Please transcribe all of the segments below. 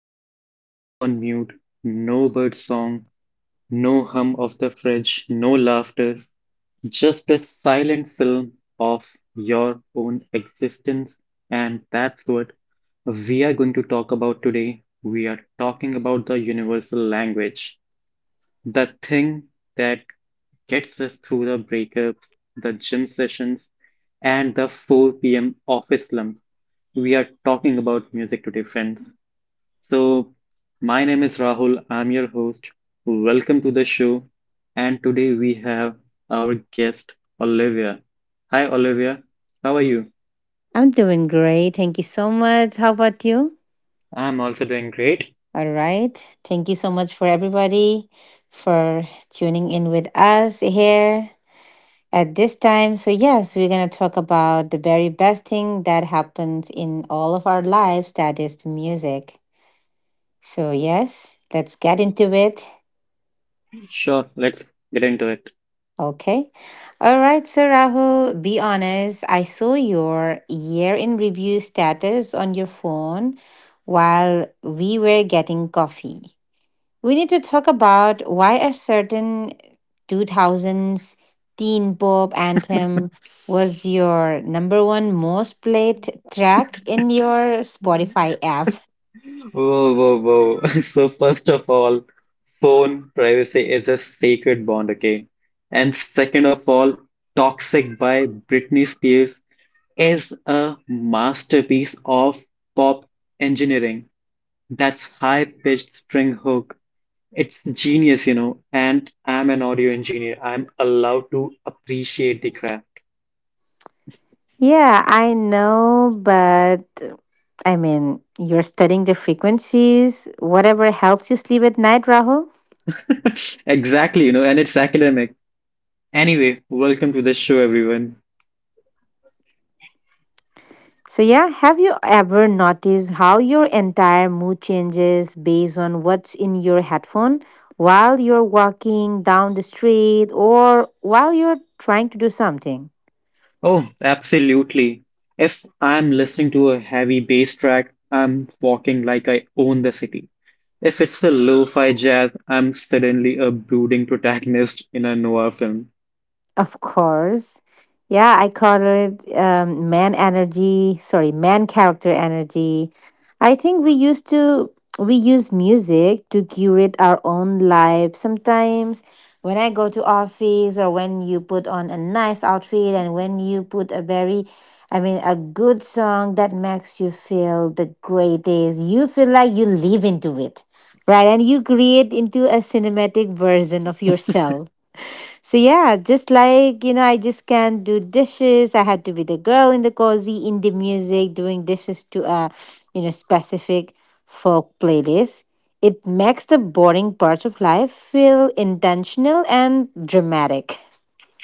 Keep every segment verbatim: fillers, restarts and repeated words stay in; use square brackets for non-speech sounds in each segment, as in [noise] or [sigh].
imagine your life on mute. No bird song, no hum of the fridge, no laughter, just a silent film of your own existence. And that's what we are going to talk about today. We are talking about the universal language, the thing that gets us through the breakups, the gym sessions, and the four p m office slump. We are talking about music today, friends. So, my name is Rahul. I'm your host. Welcome to the show. And today we have our guest, Olivia. Hi, Olivia. How are you? I'm doing great. Thank you so much. How about you? I'm also doing great. All right. Thank you so much for everybody for tuning in with us here at this time. So, yes, we're going to talk about the very best thing that happens in all of our lives that is the music. So, yes, let's get into it. Sure, let's get into it. Okay. All right. So, Rahul, be honest. I saw your year in review status on your phone while we were getting coffee. We need to talk about why a certain two thousands teen pop anthem was your number one most played track in your Spotify app. Whoa, whoa, whoa. [laughs] So, first of all, phone privacy is a sacred bond, okay? And second of all, Toxic by Britney Spears is a masterpiece of pop engineering. That's high-pitched string hook. It's genius, you know, and I'm an audio engineer. I'm allowed to appreciate the craft. Yeah, I know, but I mean, you're studying the frequencies, whatever helps you sleep at night, Rahul. [laughs] Exactly, you know, and it's academic. Anyway, welcome to the show, everyone. So, yeah, have you ever noticed how your entire mood changes based on what's in your headphone while you're walking down the street or while you're trying to do something? Oh, absolutely. If I'm listening to a heavy bass track, I'm walking like I own the city. If it's a lo-fi jazz, I'm suddenly a brooding protagonist in a noir film. Of course. Yeah, I call it um, man energy. Sorry, man character energy. I think we used to we use music to curate our own life. Sometimes when I go to office, or when you put on a nice outfit and when you put a very I mean a good song that makes you feel the greatest. You feel like you live into it. Right? And you create into a cinematic version of yourself. So yeah, just like, you know, I just can't do dishes. I had to be the girl in the cozy indie music doing dishes to a you know specific folk playlist. It makes the boring parts of life feel intentional and dramatic.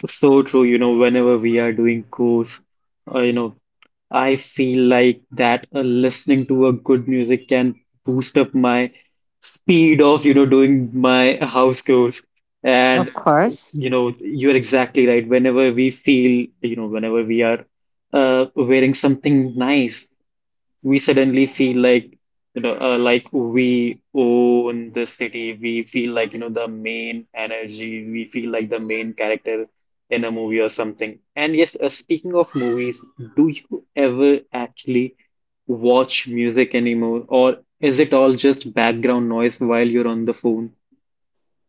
So true, you know, whenever we are doing course, uh, you know, I feel like that uh, listening to a good music can boost up my speed of, you know, doing my house chores. Of And, course. you know, you're exactly right. Whenever we feel, you know, whenever we are uh, wearing something nice, we suddenly feel like, you know uh, like we own the city. We feel like, you know the main energy. We feel like the main character in a movie or something. And yes, uh, speaking of movies, do you ever actually watch music anymore, or is it all just background noise while you're on the phone?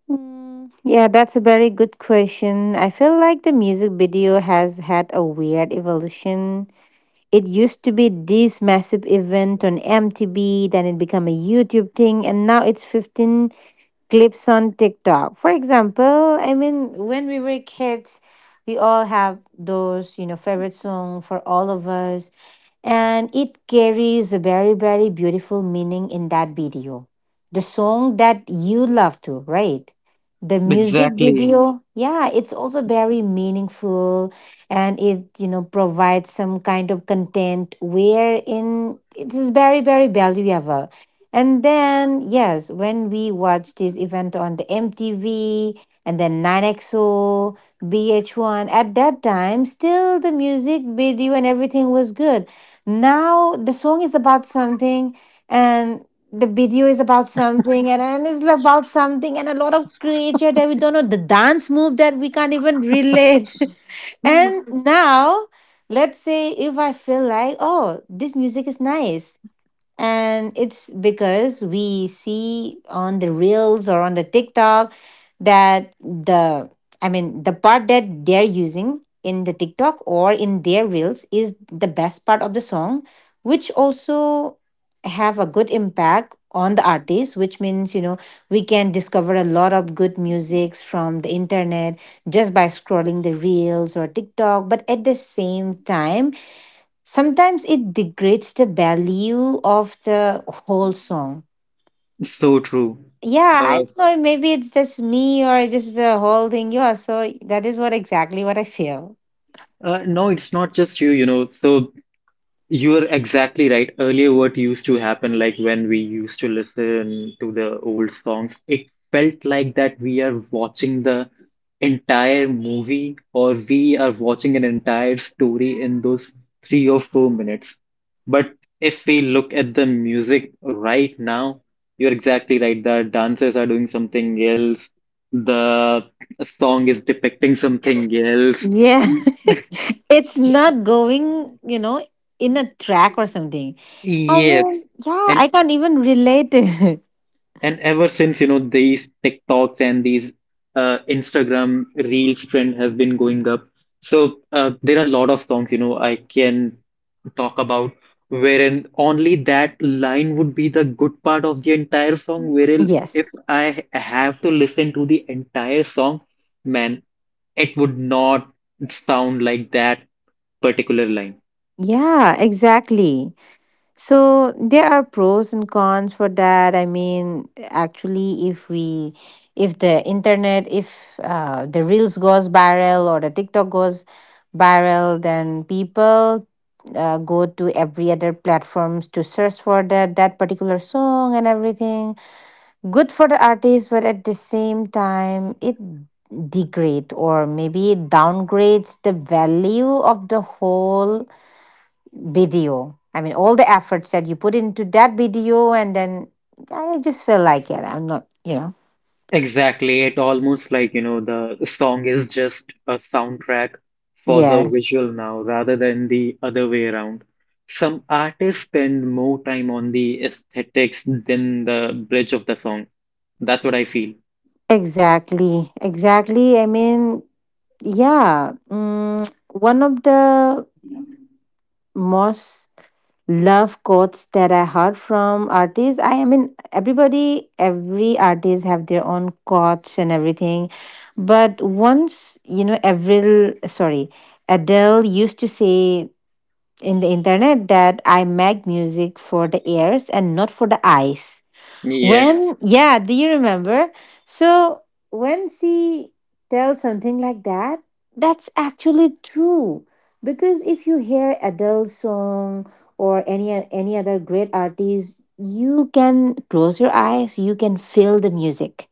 Mm, yeah, that's a very good question. I feel like the music video has had a weird evolution. It used to be this massive event on M T V, then it became a YouTube thing, and now it's fifteen clips on TikTok. For example, I mean, when we were kids, we all have those, you know, favorite song for all of us. And it carries a very, very beautiful meaning in that video. The song that you love to, right? The music Exactly. video, yeah, it's also very meaningful, and it, you know, provides some kind of content wherein it is very, very valuable. And then, yes, when we watched this event on the M T V and then nine X O, B H one at that time, still the music video and everything was good. Now the song is about something and the video is about something and, and it's about something and a lot of creature that we don't know, the dance move that we can't even relate. [laughs] And now, let's say if I feel like, oh, this music is nice, and it's because we see on the reels or on the TikTok that the, I mean, the part that they're using in the TikTok or in their reels is the best part of the song, which also have a good impact on the artist, which means, you know, we can discover a lot of good musics from the internet just by scrolling the reels or TikTok. But at the same time, sometimes it degrades the value of the whole song. So true. Yeah, I uh, don't know. Maybe it's just me or just the whole thing. Yeah, so that is what exactly what I feel. uh, no, it's not just you, you know. So, you are exactly right. Earlier, what used to happen, like when we used to listen to the old songs, it felt like that we are watching the entire movie or we are watching an entire story in those three or four minutes. But if we look at the music right now, you're exactly right. The dancers are doing something else, the song is depicting something else. Yeah, [laughs] [laughs] it's not going, you know, in a track or something. I Yes. mean, yeah, And I can't even relate it. And ever since, you know, these TikToks and these uh, Instagram Reels trend has been going up. So, uh, there are a lot of songs, you know, I can talk about, wherein only that line would be the good part of the entire song. [laughs] Wherein if Yes. I have to listen to the entire song, man, it would not sound like that particular line. Yeah, exactly. So there are pros and cons for that. I mean, actually, if we, if the internet, if uh, the reels goes viral or the TikTok goes viral, then people uh, go to every other platforms to search for that that particular song and everything. Good for the artist, but at the same time, it degrade or maybe it downgrades the value of the whole video. I mean, all the efforts that you put into that video, and then I just feel like it. I'm not, you know. Exactly. It almost like, you know, the song is just a soundtrack for the Yes, visual now rather than the other way around. Some artists spend more time on the aesthetics than the bridge of the song. That's what I feel. exactly, exactly. I mean, yeah. Mm, one of the most love quotes that I heard from artists. I, I mean, everybody, every artist have their own quotes and everything, but once you know, Avril, sorry, Adele used to say in the internet that I make music for the ears and not for the eyes. Yes, When, yeah, do you remember? So when she tells something like that, that's actually true. Because if you hear Adele's song or any any other great artist, you can close your eyes, you can feel the music,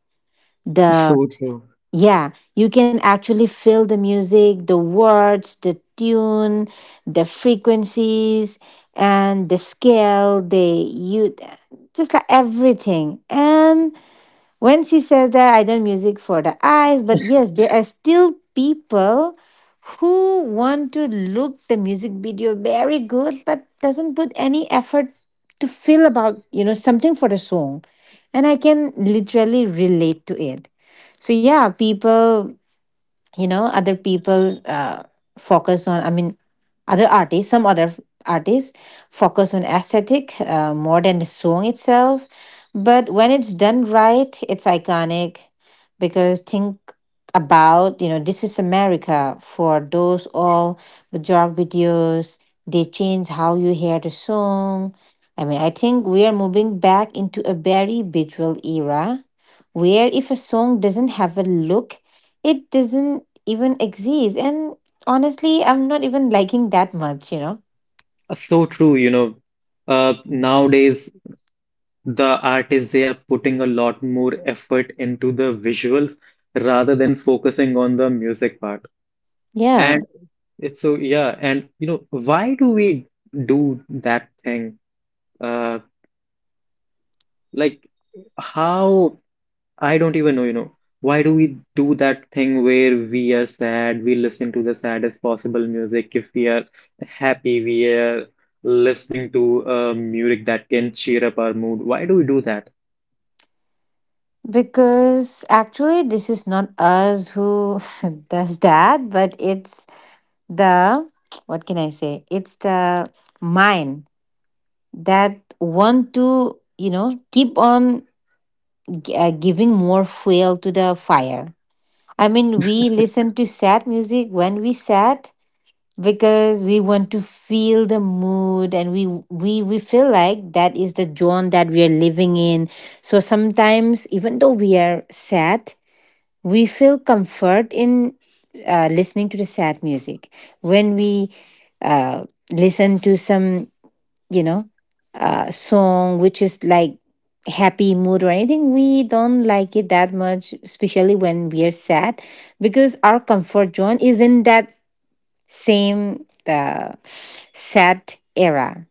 the so true. yeah, you can actually feel the music, the words, the tune, the frequencies, and the scale. They you just like everything, and when she says that, I don't music for the eyes, but yes, there are still people who want to look the music video very good, but doesn't put any effort to feel about you know something for the song, and I can literally relate to it. So yeah, people, you know other people, uh, focus on, I mean, other artists, some other artists focus on aesthetic, uh, more than the song itself. But when it's done right, it's iconic. Because think about, you know this is America for those all major videos, they change how you hear the song. I mean, I think we are moving back into a very visual era, where if a song doesn't have a look, it doesn't even exist. And honestly, I'm not even liking that much. you know, Uh, So true, you know. Uh, nowadays, the artists, they are putting a lot more effort into the visuals rather than focusing on the music part. Yeah. And it's so, yeah, and, you know, why do we do that thing? Uh, like how I don't even know, you know, why do we do that thing where we are sad, we listen to the saddest possible music. If we are happy, we are listening to uh, music that can cheer up our mood. Why do we do that? Because actually, this is not us who [laughs] does that, but it's the what can I say? It's the mind that want to, you know, keep on g- uh, giving more fuel to the fire. I mean, we listen to sad music when we sad, because we want to feel the mood, and we we we feel like that is the zone that we are living in. So sometimes, even though we are sad, we feel comfort in uh, listening to the sad music. When we uh, listen to some you know uh, song which is like happy mood or anything, we don't like it that much, especially when we are sad, because our comfort zone is in that same uh, sad era.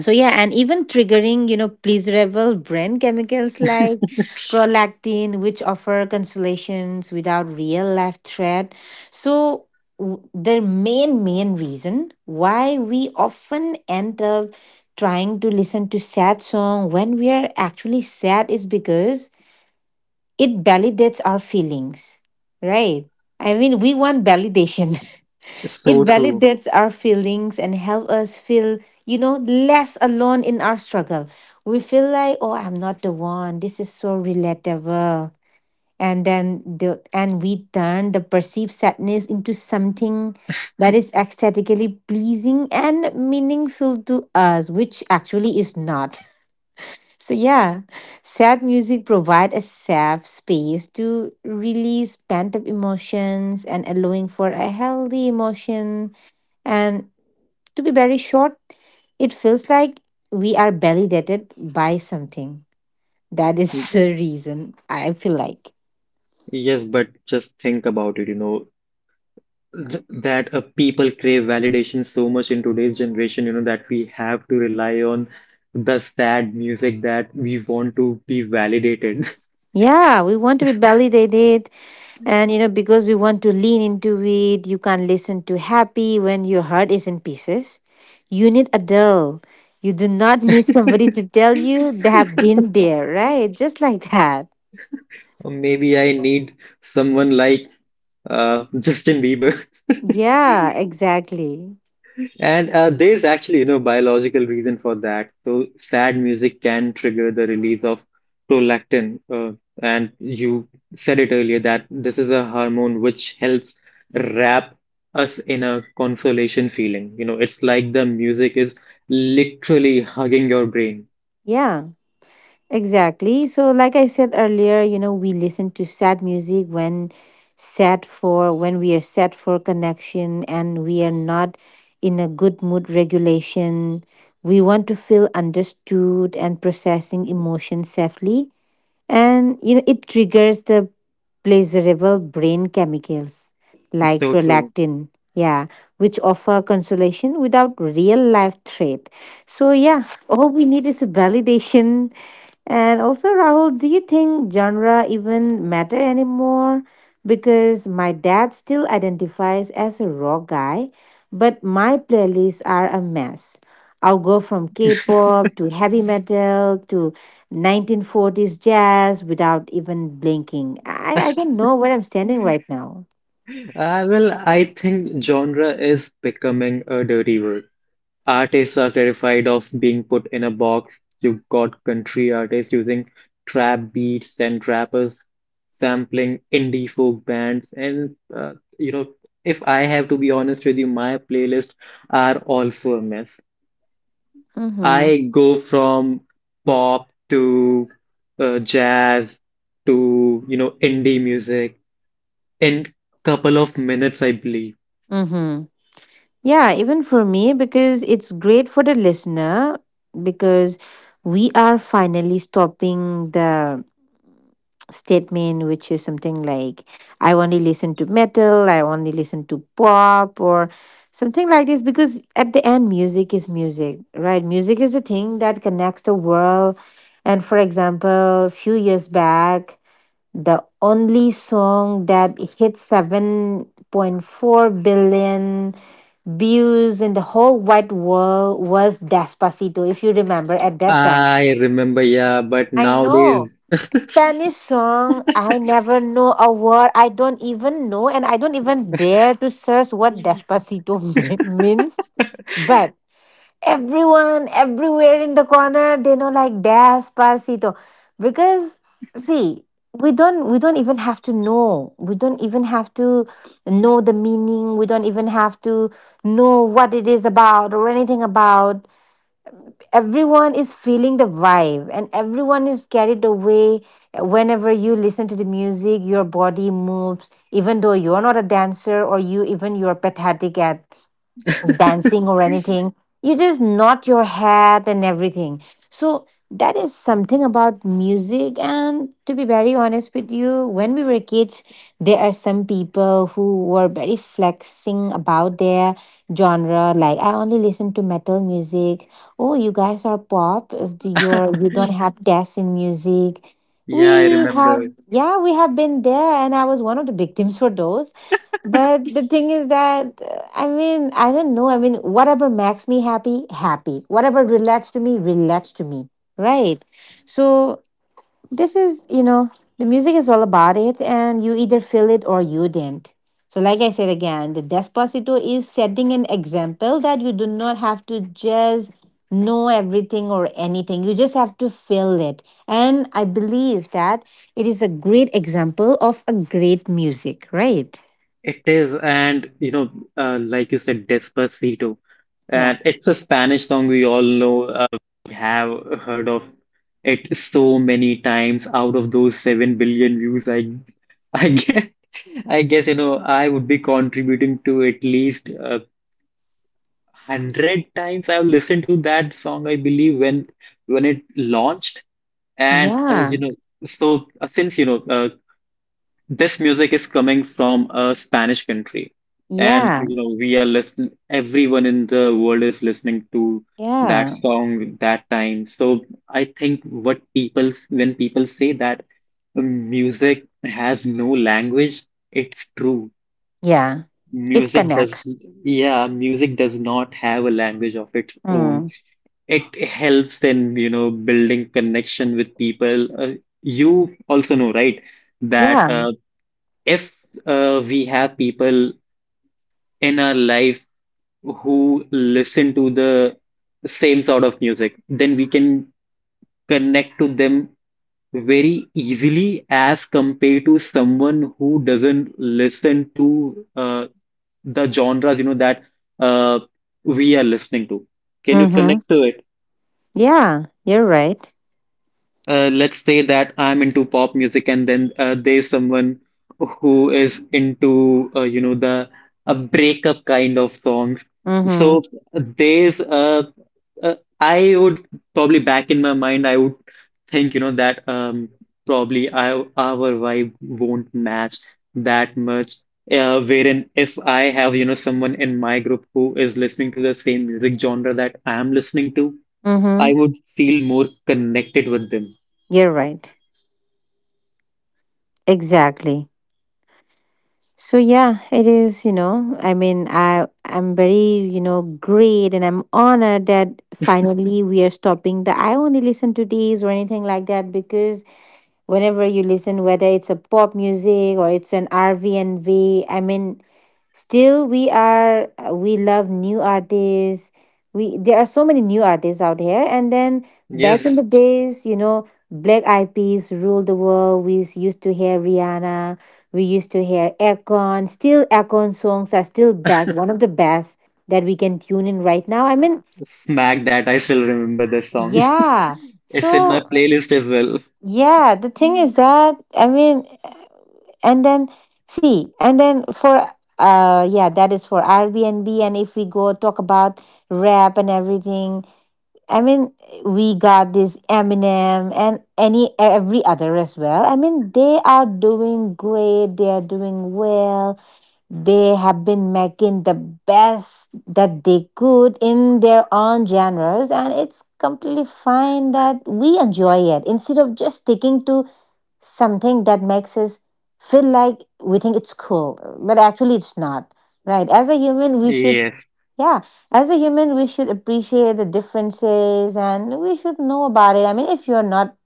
So yeah, and even triggering, you know, pleasurable brain chemicals like prolactin, which offer consolations without real life threat. So w- the main main reason why we often end up trying to listen to sad song when we are actually sad is because it validates our feelings, right? I mean, we want validation. [laughs] It So true. validates our feelings and help us feel, you know, less alone in our struggle. We feel like, oh, I'm not the one. This is so relatable. And then the and we turn the perceived sadness into something that is aesthetically pleasing and meaningful to us, which actually is not. [laughs] So yeah, sad music provide a safe space to release pent up emotions and allowing for a healthy emotion, and, to be very short, it feels like we are validated by something. That is [laughs] the reason I feel like. Yes, but just think about it, you know. th- that uh, people crave validation so much in today's generation, you know, that we have to rely on the sad music that we want to be validated. Yeah, we want to be validated. And, you know, because we want to lean into it, you can't listen to happy when your heart is in pieces. You need a doll. You do not need [laughs] somebody [laughs] to tell you they have been there, right? Just like that. Or maybe I need someone like uh, Justin Bieber. Yeah, exactly. And uh, there's actually, you know, biological reason for that. So sad music can trigger the release of prolactin, uh, and you said it earlier that this is a hormone which helps wrap us in a consolation feeling. You know, it's like the music is literally hugging your brain. Yeah. Exactly. So, like I said earlier, you know, we listen to sad music when sad for when we are sad for connection, and we are not in a good mood regulation. We want to feel understood and processing emotions safely, and you know it triggers the pleasurable brain chemicals like So true. prolactin, yeah, which offer consolation without real life threat. So yeah, all we need is a validation. And also, Rahul, do you think genre even matter anymore? Because my dad still identifies as a rock guy, but my playlists are a mess. I'll go from K pop to heavy metal to nineteen forties jazz without even blinking. I, I don't know where I'm standing right now. Uh, well, I think genre is becoming a dirty word. Artists are terrified of being put in a box. You've got country artists using trap beats and rappers sampling indie folk bands. And, uh, you know, if I have to be honest with you, my playlists are also a mess. Mm hmm. I go from pop to uh, jazz to, you know, indie music in couple of minutes, I believe. Mm hmm. Yeah, even for me, because it's great for the listener, because we are finally stopping the statement which is something like I only listen to metal, I only listen to pop, or something like this. Because at the end, music is music, right? Music is a thing that connects the world. And for example, few years back, the only song that hit seven point four billion views in the whole wide world was Despacito, if you remember at that time. I remember, yeah, but I know. nowadays. Spanish song, I never know a word. I don't even know, and I don't even dare to search what Despacito [laughs] mean- means. But everyone everywhere in the corner they know, like, despacito because, see, we don't we don't even have to know, we don't even have to know the meaning, we don't even have to know what it is about or anything about. Everyone is feeling the vibe and everyone is carried away. Whenever you listen to the music your body moves even though you're not a dancer or you even you're pathetic at dancing or anything. You just nod your head and everything. So that is something about music. And to be very honest with you, when we were kids, there are some people who were very flexing about their genre. Like, "I only listen to metal music. Oh, you guys are pop. Do You're [laughs] you don't have taste in music." We Yeah, I Yeah. remember. have yeah, we have been there, and I was one of the victims for those. But the thing is that, uh, I mean, I don't know, I mean, whatever makes me happy happy whatever relates to me relates to me, right? So this, is you know, the music is all about it, and you either feel it or you didn't. So, like I said again, the Despacito is setting an example that you do not have to just know everything or anything, you just have to feel it. And I believe that it is a great example of a great music, right? It is, and you know, uh, like you said, Despacito. Yeah. And it's a Spanish song we all know. Uh, we have heard of it so many times. Out of those seven billion views, I, I guess, [laughs] I guess you know, I would be contributing to at least uh, hundred times. I've listened to that song, I believe, when when it launched, and uh, Yeah, you know, so uh, since you know. Uh, this music is coming from a Spanish country, and yeah, you know we are listening. Everyone in the world is listening to that yeah, song that time. So I think what people when people say that music has no language, it's true. yeah. It Music does, connects. yeah, music does not have a language of its own. Mm. It helps in you know building connection with people. Uh, you also know, right? That Yeah. uh, if uh, we have people in our life who listen to the same sort of music, then we can connect to them very easily as compared to someone who doesn't listen to uh, the genres, you know, that uh, we are listening to. Can you Mm-hmm. connect to it? Yeah, you're right. Uh, let's say that I'm into pop music, and then uh, there's someone who is into uh, you know the a breakup kind of songs. So Mm-hmm. there's uh, uh, I would probably, back in my mind, I would think you know that um, probably, I, our vibe won't match that much. Uh, wherein if I have you know someone in my group who is listening to the same music genre that I am listening to, I Mm-hmm. would feel more connected with them. You're right. Exactly. So yeah, it is, you know, I mean, I I'm very, you know, great, and I'm honored that finally we are stopping the "I only listen to these" or anything like that, because whenever you listen, whether it's a pop music or it's an R V and V, I mean, still, we are, uh, we love new artists. We There are so many new artists out here, and then back in Yes, the days, you know, Black Eyed Peas ruled the world. We used to hear Rihanna. We used to hear Akon. Still, Akon songs are still best, one of the best that we can tune in right now. I mean, smack that. I still remember this song. [laughs] yeah. It's in my So playlist as well. yeah, the thing is that, I mean, and then, see, and then for, uh yeah, that is for airbnb, and if we go talk about rap and everything, I mean, we got this eminem and any every other as well. I mean, they are doing great, they are doing well. They have been making the best that they could in their own genres, and it's completely fine that we enjoy it instead of just sticking to something that makes us feel like we think it's cool, but actually it's not, right? As a human, we should, Yes, yeah, as a human, we should appreciate the differences and we should know about it. I mean, if you're not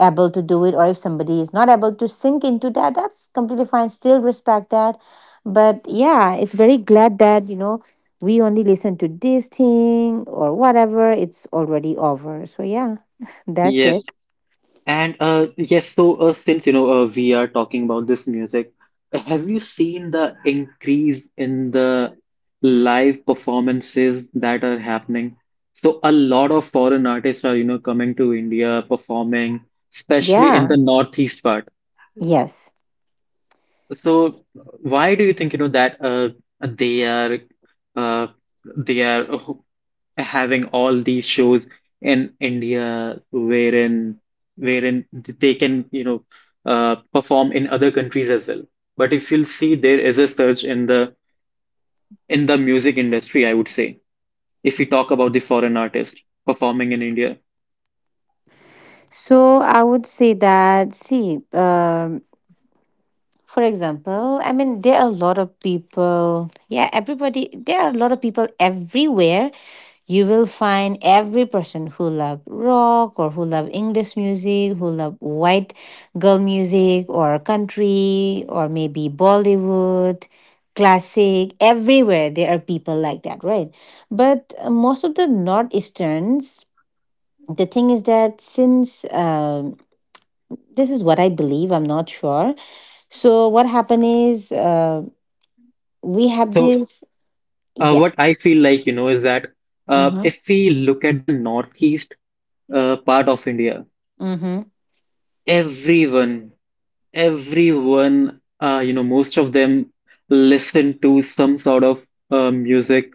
able to do it or if somebody is not able to sink into that, that's completely fine. Still respect that. But yeah, it's very glad that, you know, we only listen to this thing or whatever, it's already over. So yeah, [laughs] that's it. yes. And uh yes, so uh, since you know uh, we are talking about this music, have you seen the increase in the live performances that are happening? So a lot of foreign artists are you know coming to India performing, especially in Yeah, the northeast part. yes. So why do you think you know that uh they are uh they are uh, having all these shows in India, wherein wherein they can you know uh, perform in other countries as well. But if you'll see, there is a surge in the in the music industry, I would say, if we talk about the foreign artists performing in India. So I would say that, see, um, for example, I mean, there are a lot of people, yeah, everybody, there are a lot of people everywhere. You will find every person who love rock or who love English music, who love white girl music or country or maybe Bollywood, classic, everywhere there are people like that, right? But, uh, most of the Northeasterns, the thing is that since, um this is what I believe. I'm not sure. So what happened is, uh, we have So this. uh, Yeah. what I feel like, you know, is that uh, Mm-hmm. if we look at the northeast uh, part of India, Mm-hmm. everyone everyone, uh, you know, most of them listen to some sort of uh, music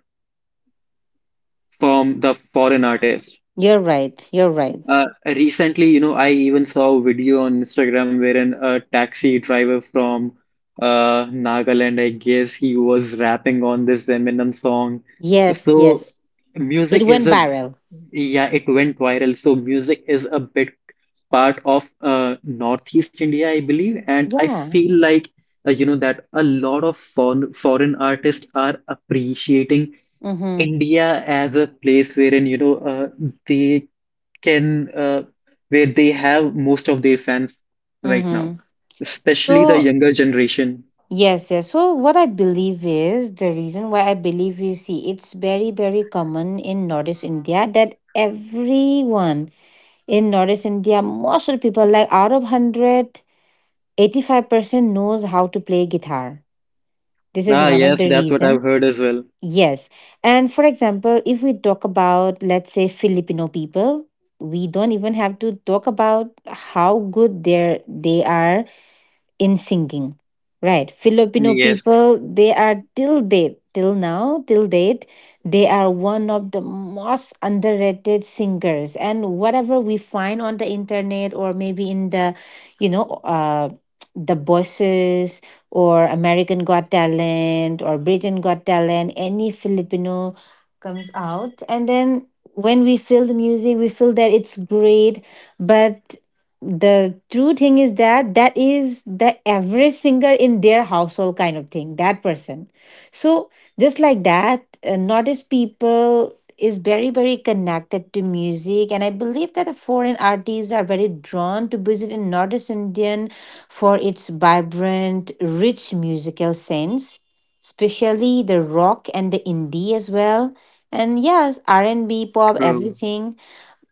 from the foreign artist. You're right. You're right. Uh, recently, you know, I even saw a video on Instagram wherein a taxi driver from uh, Nagaland, I guess, he was rapping on this Eminem song. Yes. So Yes. music It is went a, viral. yeah, it went viral. So music is a big part of uh, Northeast India, I believe. And I Yeah. feel like, uh, you know, that a lot of foreign, foreign artists are appreciating Mm-hmm. India as a place wherein, you know, uh, they can uh, where they have most of their fans right now, Mm-hmm. especially the So younger generation. yes. Yes. So what I believe is the reason why I believe, you see, it's very very common in Northeast India that everyone in Northeast India, most of the people, like, out of hundred eighty-five percent knows how to play guitar. This is Ah, one of yes, the that's what I've reasons. heard as well. Yes. And for example, if we talk about, let's say, Filipino people, we don't even have to talk about how good they're, they are in singing, right? Filipino Yes, people, they are till date, till now, till date they are one of the most underrated singers. And whatever we find on the internet or maybe in the, you know, uh the Voices or American Got Talent or Britain Got Talent, any Filipino comes out, and then when we feel the music we feel that it's great. But the true thing is that that is the average singer in their household kind of thing, that person. So just like that, uh, nordish people is very very connected to music, and I believe that the foreign artists are very drawn to visit in nordish indian for its vibrant rich musical sense, especially the rock and the indie as well, and yes, R&B, pop, true. everything.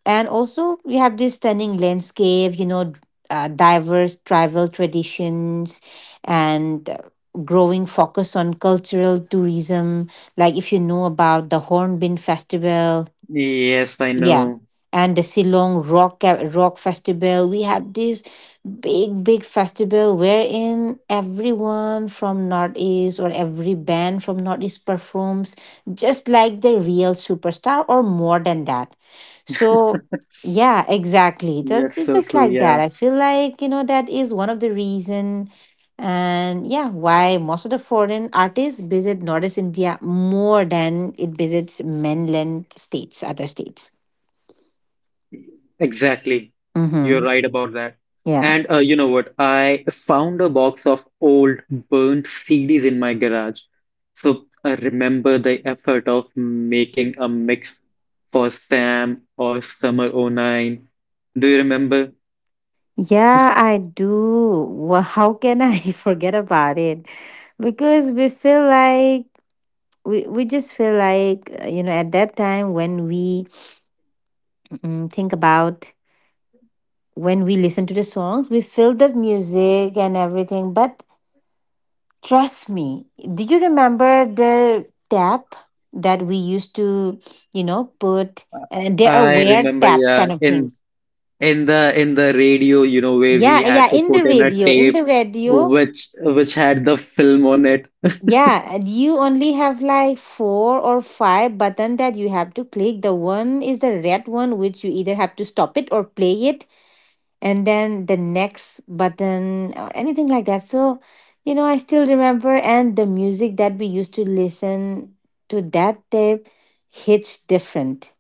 And also, we have this stunning landscape, you know, d- uh, diverse tribal traditions and, uh, growing focus on cultural tourism. Like, if you know about the Hornbill Festival, Yes, I yeah. know. And the Shillong Rock Ca- Rock Festival, we have this big, big festival wherein everyone from Northeast or every band from Northeast performs just like the real superstar or more than that. So, yeah, exactly. Just, Yes, so just true. like Yeah, that. I feel like, you know, that is one of the reason, and yeah, why most of the foreign artists visit Northeast India more than it visits mainland states, other states. exactly. You're Mm-hmm. right about that. Yeah. And uh, you know what? I found a box of old burnt C Ds in my garage. So I remember the effort of making a mix for Sam or Summer 'oh nine. Do you remember? Yeah, I do. Well, how can I [laughs] forget about it? Because we feel like we, we just feel like, uh, you know, at that time when we, mm, think about, when we listen to the songs we feel the music and everything. But trust me, do you remember the tap that we used to, you know, put, Uh, and there are I weird remember, taps yeah, kind of in things. in the in the radio, you know, where we yeah had yeah to in the put in a radio, in tape the radio which which had the film on it. Yeah, and you only have like four or five button that you have to click. The one is the red one, which you either have to stop it or play it, and then the next button or anything like that. So, you know, I still remember, and the music that we used to listen to that tape hits different.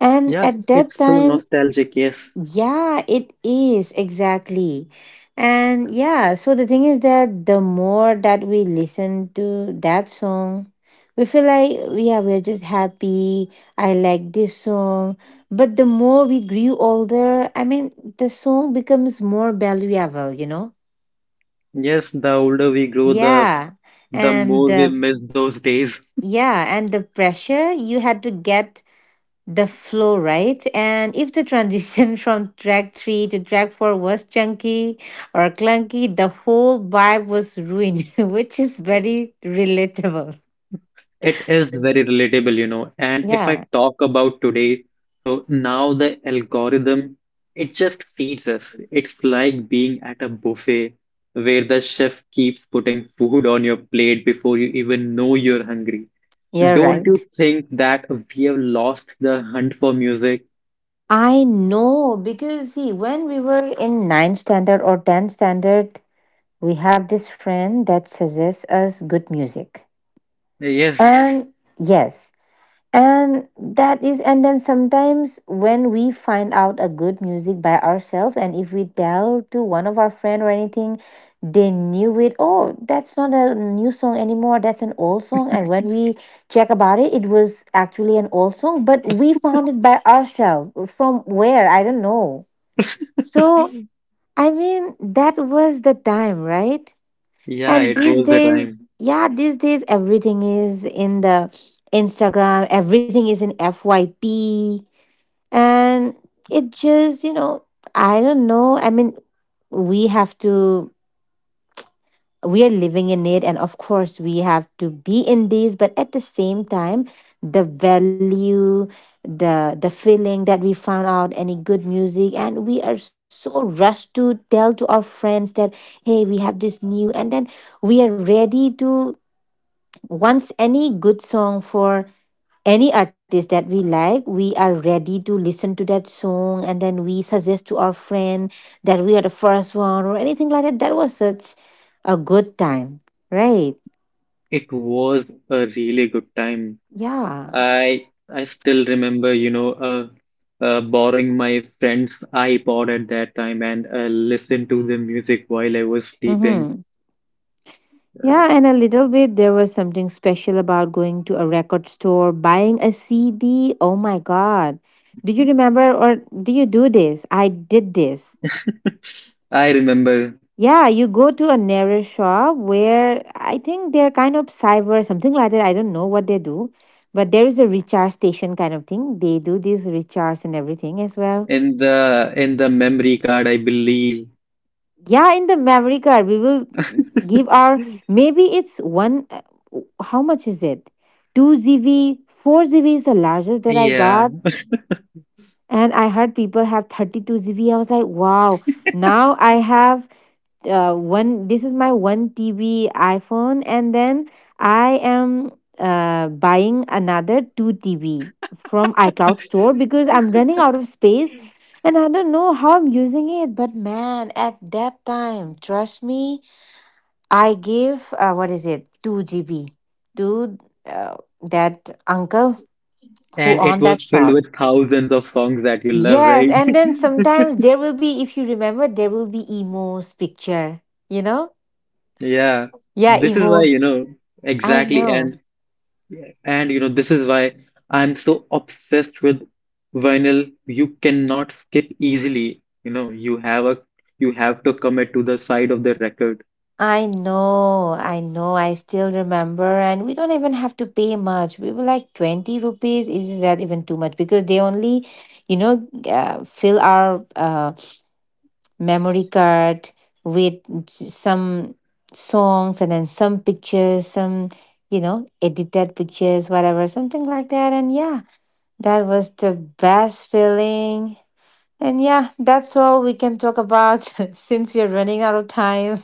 And Yeah, at that it's so time, nostalgic. Yes, yeah, it is, exactly. And yeah, so the thing is that the more that we listen to that song, we feel like, yeah, we're just happy. I like this song. But the more we grew older, I mean, the song becomes more valuable, you know? yes. The older we grow, the Yeah. the And more we the, miss those days. yeah, and the pressure you had to get the flow, right? And if the transition [laughs] from track three to track four was chunky or clunky, the whole vibe was ruined, [laughs] which is very relatable. It is very relatable, you know. And if I Yeah, talk about today, so now the algorithm, it just feeds us. It's like being at a buffet where the chef keeps putting food on your plate before you even know you're hungry. you're Don't you right. think that we have lost the hunt for music? I know, because, see, when we were in ninth standard or tenth standard, we have this friend that suggests us good music. Yes. And yes, and that is, and then sometimes when we find out a good music by ourselves, and if we tell to one of our friend or anything, they knew it. Oh, that's not a new song anymore. That's an old song. And when we check about it, it was actually an old song, but we found it by ourselves. From where? I don't know. So [laughs] I mean, that was the time, right? Yeah, And it these was the days, time. yeah, these days everything is in the Instagram, everything is in F Y P. And it just, you know, I don't know. I mean, we have to, we are living in it. And of course, we have to be in these. But at the same time, the value, the the feeling that we found out any good music and we are so rushed to tell to our friends that, "Hey, we have this new," and then we are ready to, once any good song for any artist that we like, we are ready to listen to that song and then we suggest to our friend that we are the first one or anything like that. That was such a good time, right? It was a really good time. Yeah. I I still remember, you know, uh, uh, borrowing my friend's iPod at that time and uh, listen to the music while I was sleeping. Mm-hmm. Yeah, and a little bit there was something special about going to a record store, buying a C D. Oh my God. Do you remember or do you do this? I did this. [laughs] I remember Yeah, you go to a nearest shop where I think they're kind of cyber, something like that. I don't know what they do, but there is a recharge station kind of thing. They do this recharge and everything as well. in the in the memory card, I believe. Yeah, in the memory card, we will [laughs] give our, maybe it's one. uh, How much is it? two Z V, four Z V is the largest that I Yeah, got. And I heard people have thirty-two Z V. I was like, wow, now I have, uh, one, this is my one T B iPhone, and then I am, uh, buying another two T B from iCloud store because I'm running out of space, and I don't know how I'm using it. But, man, at that time, trust me, I gave, uh, what is it, two G B to, uh, that uncle who and it owned was that filled shop. with thousands of songs that you love, Yes, right? and then sometimes there will be, if you remember, there will be emos picture, you know? [laughs] Yeah, Yeah, this is why, you emos. know, I exactly. know. And And you know, this is why I'm so obsessed with vinyl. You cannot skip easily. You know, you have a you have to commit to the side of the record. I know. I know. I still remember. And we don't even have to pay much. We were like twenty rupees. Is that even too much? Because they only, you know, uh, fill our, uh, memory card with s- some songs and then some pictures, some, you know, edited pictures, whatever, something like that. And yeah, that was the best feeling. And yeah, that's all we can talk about [laughs] since we are running out of time.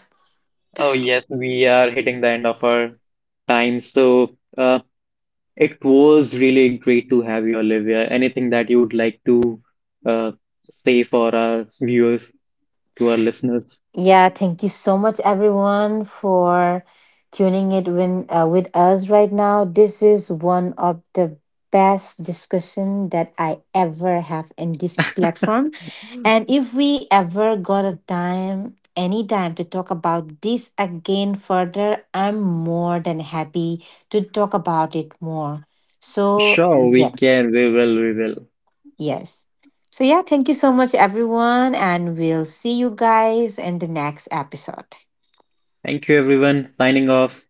Oh yes, we are hitting the end of our time. So uh, it was really great to have you, Olivia. Anything that you would like to uh, say for our viewers, to our listeners? Yeah, thank you so much, everyone, for tuning it win, uh, with us right now. This is one of the best discussion that I ever have in this platform. And if we ever got a time, any time to talk about this again further, I'm more than happy to talk about it more. So, Sure, we yes, can. We will. We will. yes. So, yeah, thank you so much, everyone. And we'll see you guys in the next episode. Thank you, everyone. Signing off.